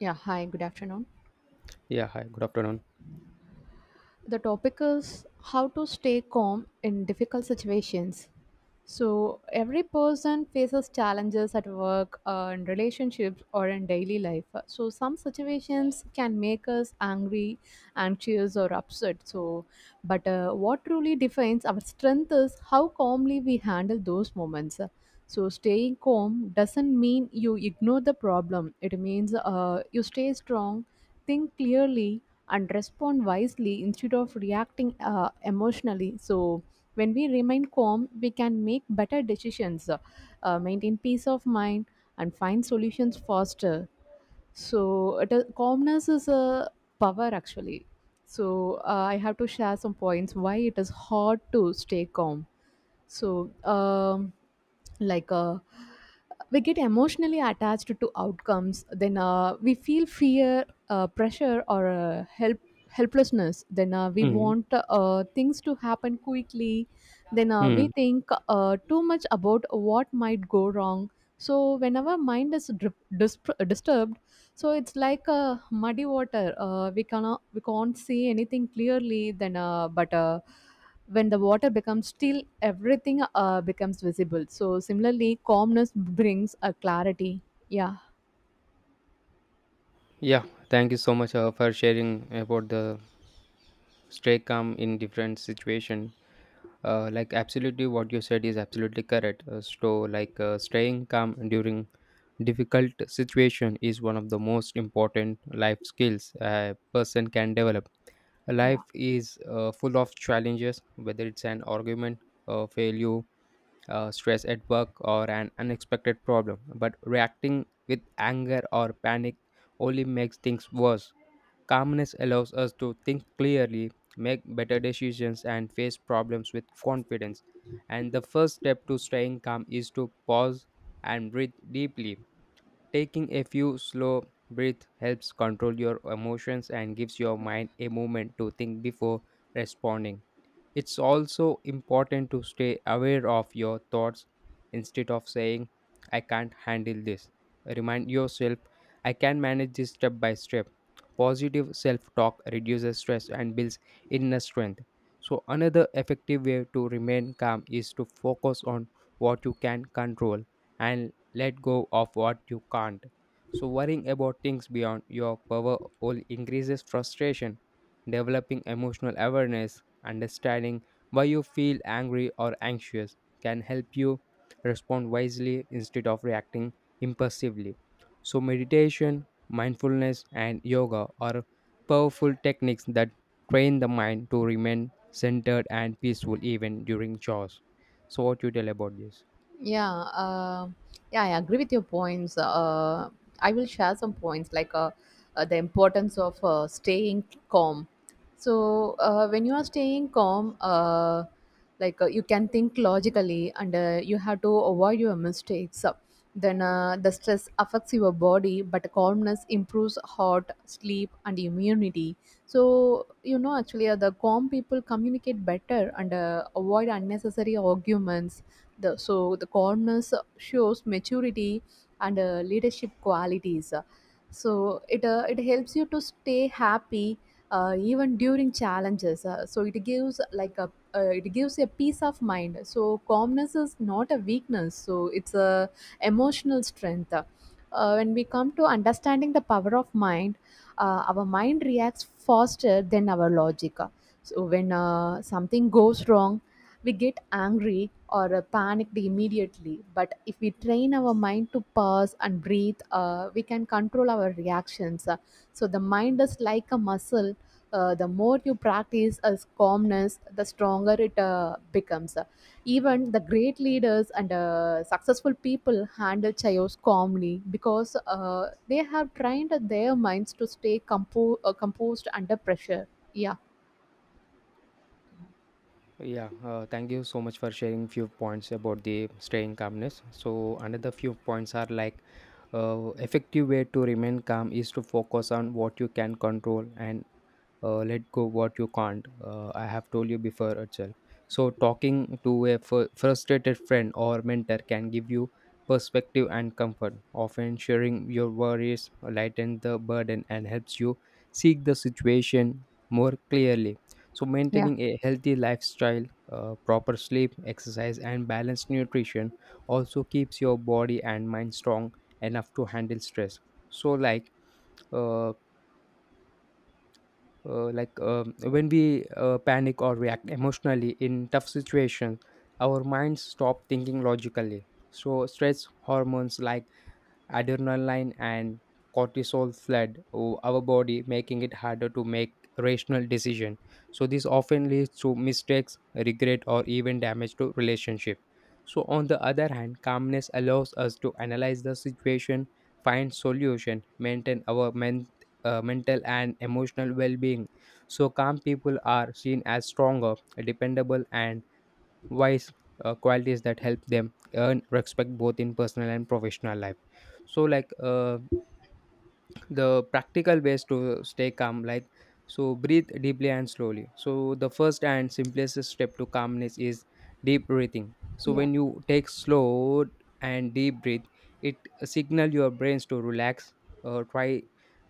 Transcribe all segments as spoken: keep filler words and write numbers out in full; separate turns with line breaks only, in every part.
Yeah, hi, good afternoon.
Yeah, hi, good afternoon.
The topic is how to stay calm in difficult situations. So, every person faces challenges at work, uh, in relationships, or in daily life. So, some situations can make us angry, anxious, or upset. So, but uh, what truly defines our strength is how calmly we handle those moments. So, staying calm doesn't mean you ignore the problem. It means uh, you stay strong, think clearly, and respond wisely instead of reacting uh, emotionally. So, when we remain calm, we can make better decisions, uh, uh, maintain peace of mind, and find solutions faster. So, it is, calmness is a power actually. So, uh, I have to share some points why it is hard to stay calm. So um, like uh, we get emotionally attached to outcomes, then uh, we feel fear, uh, pressure, or uh, help helplessness then uh, we
Hmm.
want uh, things to happen quickly, then uh, we
Hmm.
think uh, too much about what might go wrong. So whenever mind is dri- dis- disturbed, so it's like uh, muddy water, uh, we cannot we can't see anything clearly. Then uh, but uh, when the water becomes still, everything uh, becomes visible. So similarly, calmness brings a clarity, yeah.
Yeah, thank you so much uh, for sharing about the stay calm in different situation. Uh, like absolutely what you said is absolutely correct. Uh, so like uh, staying calm during difficult situation is one of the most important life skills a person can develop.
Yeah.
Life is uh, full of challenges, whether it's an argument, a failure, uh, stress at work or an unexpected problem, but reacting with anger or panic only makes things worse. Calmness allows us to think clearly, make better decisions, and face problems with confidence. And the first step to staying calm is to pause and breathe deeply. Taking a few slow breaths helps control your emotions and gives your mind a moment to think before responding. It's also important to stay aware of your thoughts instead of saying, I can't handle this. Remind yourself, I can manage this step by step. Positive self talk reduces stress and builds inner strength. So, another effective way to remain calm is to focus on what you can control and let go of what you can't. So, worrying about things beyond your power will increases frustration. Developing emotional awareness, understanding why you feel angry or anxious, can help you respond wisely instead of reacting impulsively. So, meditation, mindfulness, and yoga are powerful techniques that train the mind to remain centered and peaceful even during chores. So, what you tell about this?
yeah, uh, yeah, I agree with your points. Uh, I will share some points, like uh, uh, the importance of uh, staying calm. So uh, when you are staying calm, uh, like uh, you can think logically, and uh, you have to avoid your mistakes. So then uh, the stress affects your body, but calmness improves heart, sleep, and immunity. So you know, actually, uh, the calm people communicate better and uh, avoid unnecessary arguments. The, so the corners shows maturity and uh, leadership qualities. So it uh, it helps you to stay happy uh, even during challenges. Uh, so it gives like a uh, it gives a peace of mind. So calmness is not a weakness. So it's a emotional strength. Uh, when we come to understanding the power of mind, uh, our mind reacts faster than our logic. So when uh, something goes wrong, we get angry or uh, panicked immediately. But if we train our mind to pause and breathe, uh, we can control our reactions. Uh, so the mind is like a muscle. Uh, the more you practice as calmness, the stronger it uh, becomes. Uh, even the great leaders and uh, successful people handle chaos calmly because uh, they have trained their minds to stay compo- uh, composed under pressure, yeah.
Yeah, uh, thank you so much for sharing few points about the staying calmness. So another few points are like uh, effective way to remain calm is to focus on what you can control, and uh, let go what you can't. Uh, I have told you before, Achal. So talking to a fr- frustrated friend or mentor can give you perspective and comfort. Often sharing your worries lightens the burden and helps you seek the situation more clearly. So
Yeah.
maintaining a healthy lifestyle, uh, proper sleep, exercise, and balanced nutrition also keeps your body and mind strong enough to handle stress. So like uh, uh, like um, when we uh, panic or react emotionally in tough situations, our minds stop thinking logically. So stress hormones like adrenaline and cortisol flood o- our body, making it harder to make rational decision. So this often leads to mistakes, regret, or even damage to relationship. So on the other hand, calmness allows us to analyze the situation, find solution, maintain our men- uh, mental and emotional well-being. So calm people are seen as stronger, dependable, and wise, uh, qualities that help them earn respect both in personal and professional life. So like uh, the practical ways to stay calm, like, so breathe deeply and slowly. So the first and simplest step to calmness is deep breathing. So
yeah
when you take slow and deep breath, it signal your brains to relax. Uh, try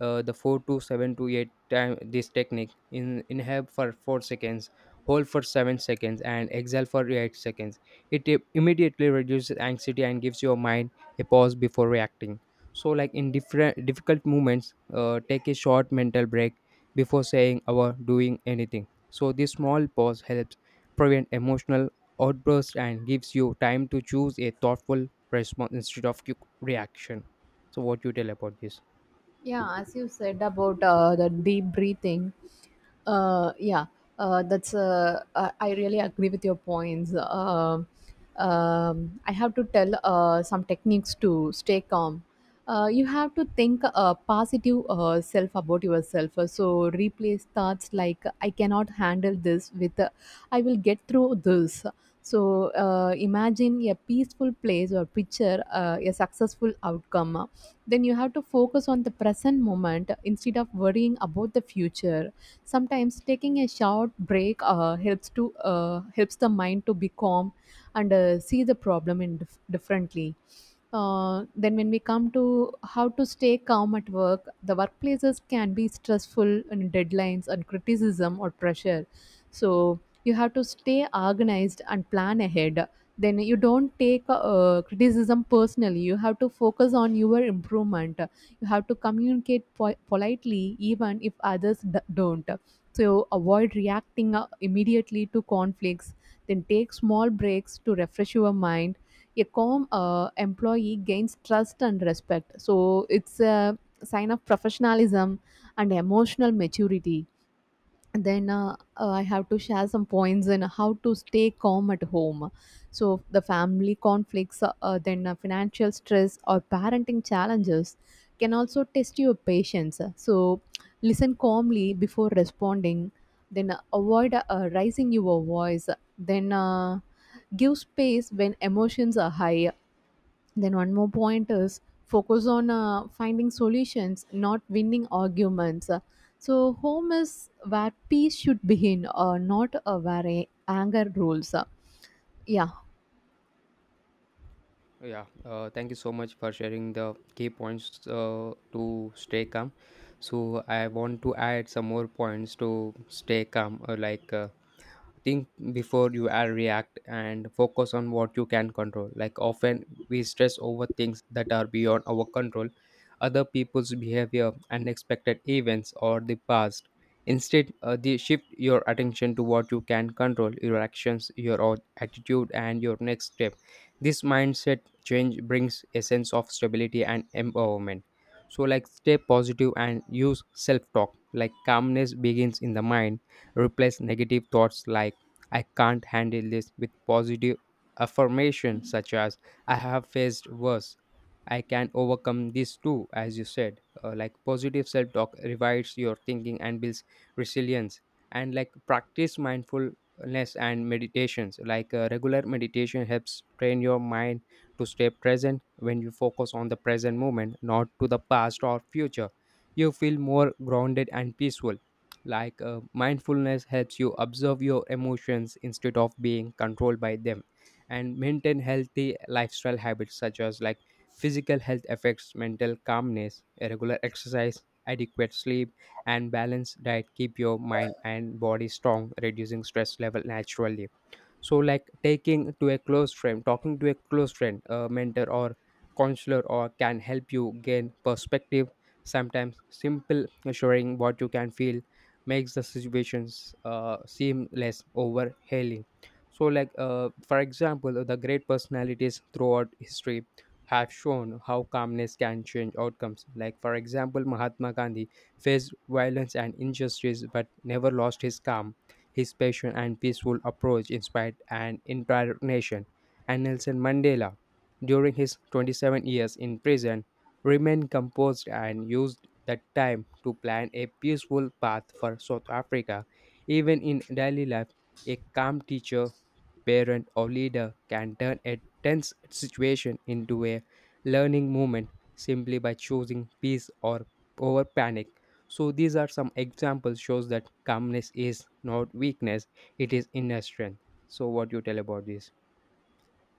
uh, the four to seven to eight time this technique, in inhale for four seconds, hold for seven seconds, and exhale for eight seconds. It i- immediately reduces anxiety and gives your mind a pause before reacting. So like in different difficult moments, uh, take a short mental break before saying or doing anything. So this small pause helps prevent emotional outbursts and gives you time to choose a thoughtful response instead of quick reaction. So what you tell about this?
yeah as you said about uh, the deep breathing, uh, yeah, uh, that's uh, I I really agree with your points. Um um, I have to tell uh, some techniques to stay calm. Uh, you have to think uh, positive uh, self about yourself. Uh, so replace thoughts like I cannot handle this with uh, I will get through this. So uh, imagine a peaceful place or picture uh, a successful outcome. Then you have to focus on the present moment instead of worrying about the future. Sometimes taking a short break uh, helps to uh, helps the mind to be calm and uh, see the problem in dif- differently. Uh, then when we come to how to stay calm at work, the workplaces can be stressful and deadlines and criticism or pressure. So you have to stay organized and plan ahead. Then you don't take uh, criticism personally. You have to focus on your improvement. You have to communicate po- politely, even if others d- don't. So avoid reacting uh, immediately to conflicts. Then take small breaks to refresh your mind. A calm uh, employee gains trust and respect. So it's a sign of professionalism and emotional maturity. And then uh, uh, I have to share some points in how to stay calm at home. So the family conflicts, uh, uh, then uh, financial stress or parenting challenges can also test your patience. So listen calmly before responding. Then uh, avoid uh, raising your voice. Then uh, Give space when emotions are high. Then one more point is focus on uh, finding solutions, not winning arguments. Uh, So home is where peace should begin, uh, not uh, where a- anger rules. Uh, Yeah.
Yeah, uh, thank you so much for sharing the key points uh, to stay calm. So I want to add some more points to stay calm, uh, like uh, think before you are react and focus on what you can control. Like often we stress over things that are beyond our control, other people's behavior, unexpected events, or the past. Instead, uh, the shift your attention to what you can control, your actions, your o- attitude, and your next step. This mindset change brings a sense of stability and empowerment. So like stay positive and use self talk. Like calmness begins in the mind. Replace negative thoughts like I can't handle this with positive affirmation such as I have faced worse. I can overcome this too, as you said. Uh, like positive self talk revives your thinking and builds resilience. And like practice mindfulness and meditations. Like uh, regular meditation helps train your mind to stay present when you focus on the present moment, not to the past or future. You feel more grounded and peaceful. Like uh, mindfulness helps you observe your emotions instead of being controlled by them. And maintain healthy lifestyle habits such as, like, physical health affects mental calmness. A regular exercise, adequate sleep, and balanced diet keep your mind and body strong, reducing stress level naturally. So like taking to a close friend, talking to a close friend, a mentor or counselor or can help you gain perspective. Sometimes simple sharing what you can feel makes the situations uh, seem less overhailing. So like uh, for example, the great personalities throughout history have shown how calmness can change outcomes. Like for example, Mahatma Gandhi faced violence and injustice but never lost his calm. His patient and peaceful approach inspired an entire nation. And Nelson Mandela, during his twenty-seven years in prison, remained composed and used that time to plan a peaceful path for South Africa. Even in daily life, a calm teacher, parent, or leader can turn a tense situation into a learning moment simply by choosing peace or over panic. So these are some examples shows that calmness is not weakness, it is inner strength. So what do you tell about this?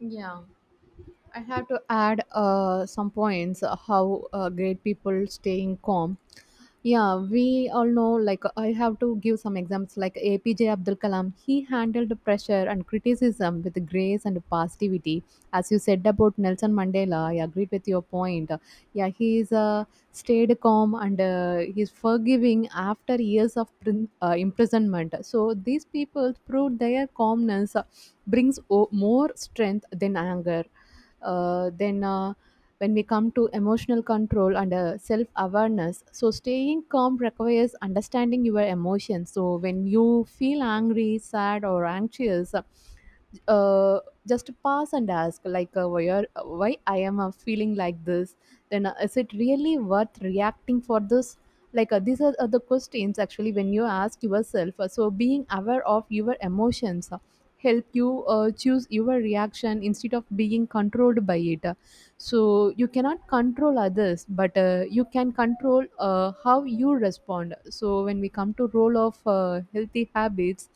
Yeah. I have to add uh, some points uh, how uh, great people staying calm. Yeah, we all know, like, I have to give some examples. Like A P J Abdul Kalam, he handled pressure and criticism with grace and positivity. As you said about Nelson Mandela, I agreed with your point. Yeah, he's uh, stayed calm and uh, he's forgiving after years of prin- uh, imprisonment. So these people proved their calmness uh, brings o- more strength than anger. Uh, then uh, When we come to emotional control and uh, self awareness, so staying calm requires understanding your emotions. So when you feel angry, sad, or anxious, uh, just pass and ask, like, uh, why, are, why I am uh, feeling like this? Then uh, is it really worth reacting for this? Like uh, these are, are the questions actually when you ask yourself. Uh, so being aware of your emotions uh, help you uh, choose your reaction instead of being controlled by it. So you cannot control others, but uh, you can control uh, how you respond. So when we come to role of uh, healthy habits,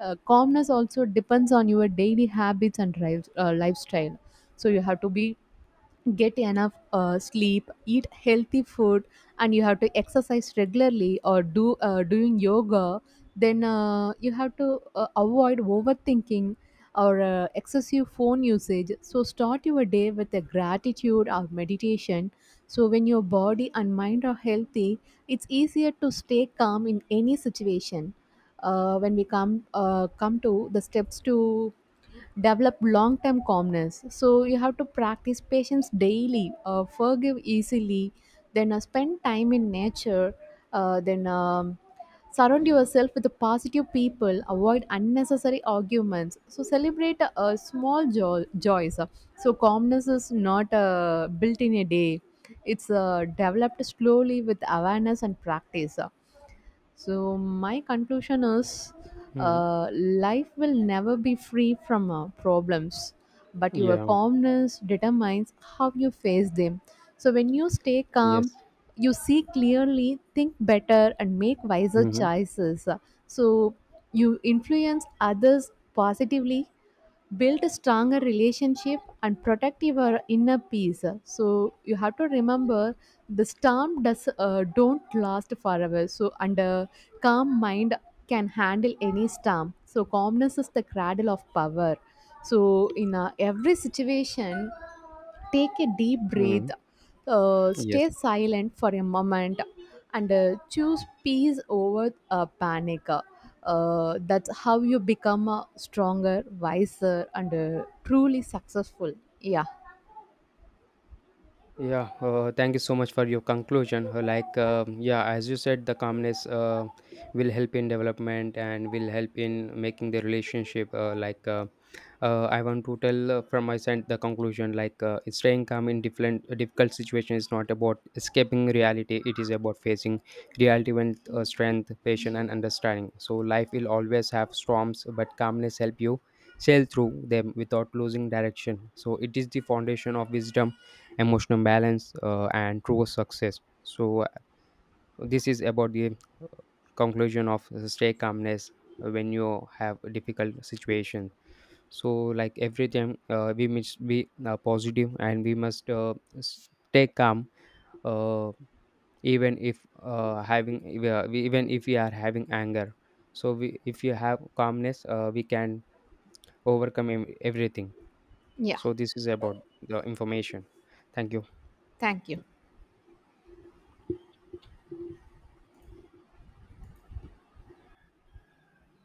uh, calmness also depends on your daily habits and drive, uh, lifestyle. So you have to be, get enough uh, sleep, eat healthy food, and you have to exercise regularly or do uh, doing yoga. Then uh, you have to uh, avoid overthinking or uh, excessive phone usage. So start your day with a gratitude or meditation. So when your body and mind are healthy, it's easier to stay calm in any situation. Uh, when we come uh, Come to the steps to develop long term calmness. So you have to practice patience daily, uh, forgive easily, then uh, spend time in nature, uh, then um, surround yourself with the positive people, avoid unnecessary arguments. So celebrate uh, small jo- joys. So calmness is not uh, built in a day. It's uh, developed slowly with awareness and practice. So, my conclusion is
Hmm.
uh, life will never be free from uh, problems, but your
Yeah.
calmness determines how you face them. So, when you stay
Yes.
calm, you see clearly, think better, and make wiser
Hmm.
choices. So, you influence others positively, build a stronger relationship, and protect your inner peace. So you have to remember, the storm does uh, don't last forever. So and a calm mind can handle any storm. So calmness is the cradle of power. So in uh, every situation, take a deep breath,
Hmm.
uh,
Yes.
stay silent for a moment, and uh, choose peace over uh, panic. Uh, that's how you become uh, stronger, wiser, and uh, truly successful. Yeah,
Yeah. Uh, thank you so much for your conclusion. Uh, Like, um yeah, as you said, the calmness uh, will help in development and will help in making the relationship, uh, like uh, uh, I want to tell uh, from my side the conclusion, like uh, staying calm in different uh, difficult situation is not about escaping reality. It is about facing reality with uh, strength, patience, and understanding. So life will always have storms, but calmness help you sail through them without losing direction. So it is the foundation of wisdom, emotional balance, uh, and true success. So uh, this is about the uh, conclusion of uh, stay calmness uh, when you have a difficult situation. So like everything, uh, we must be uh, positive, and we must uh, s- stay calm, uh, even if uh, having, if we are- we- even if we are having anger. So we, if you have calmness, uh, we can overcome ev- everything.
yeah.
So this is about the information. Thank you.
Thank you.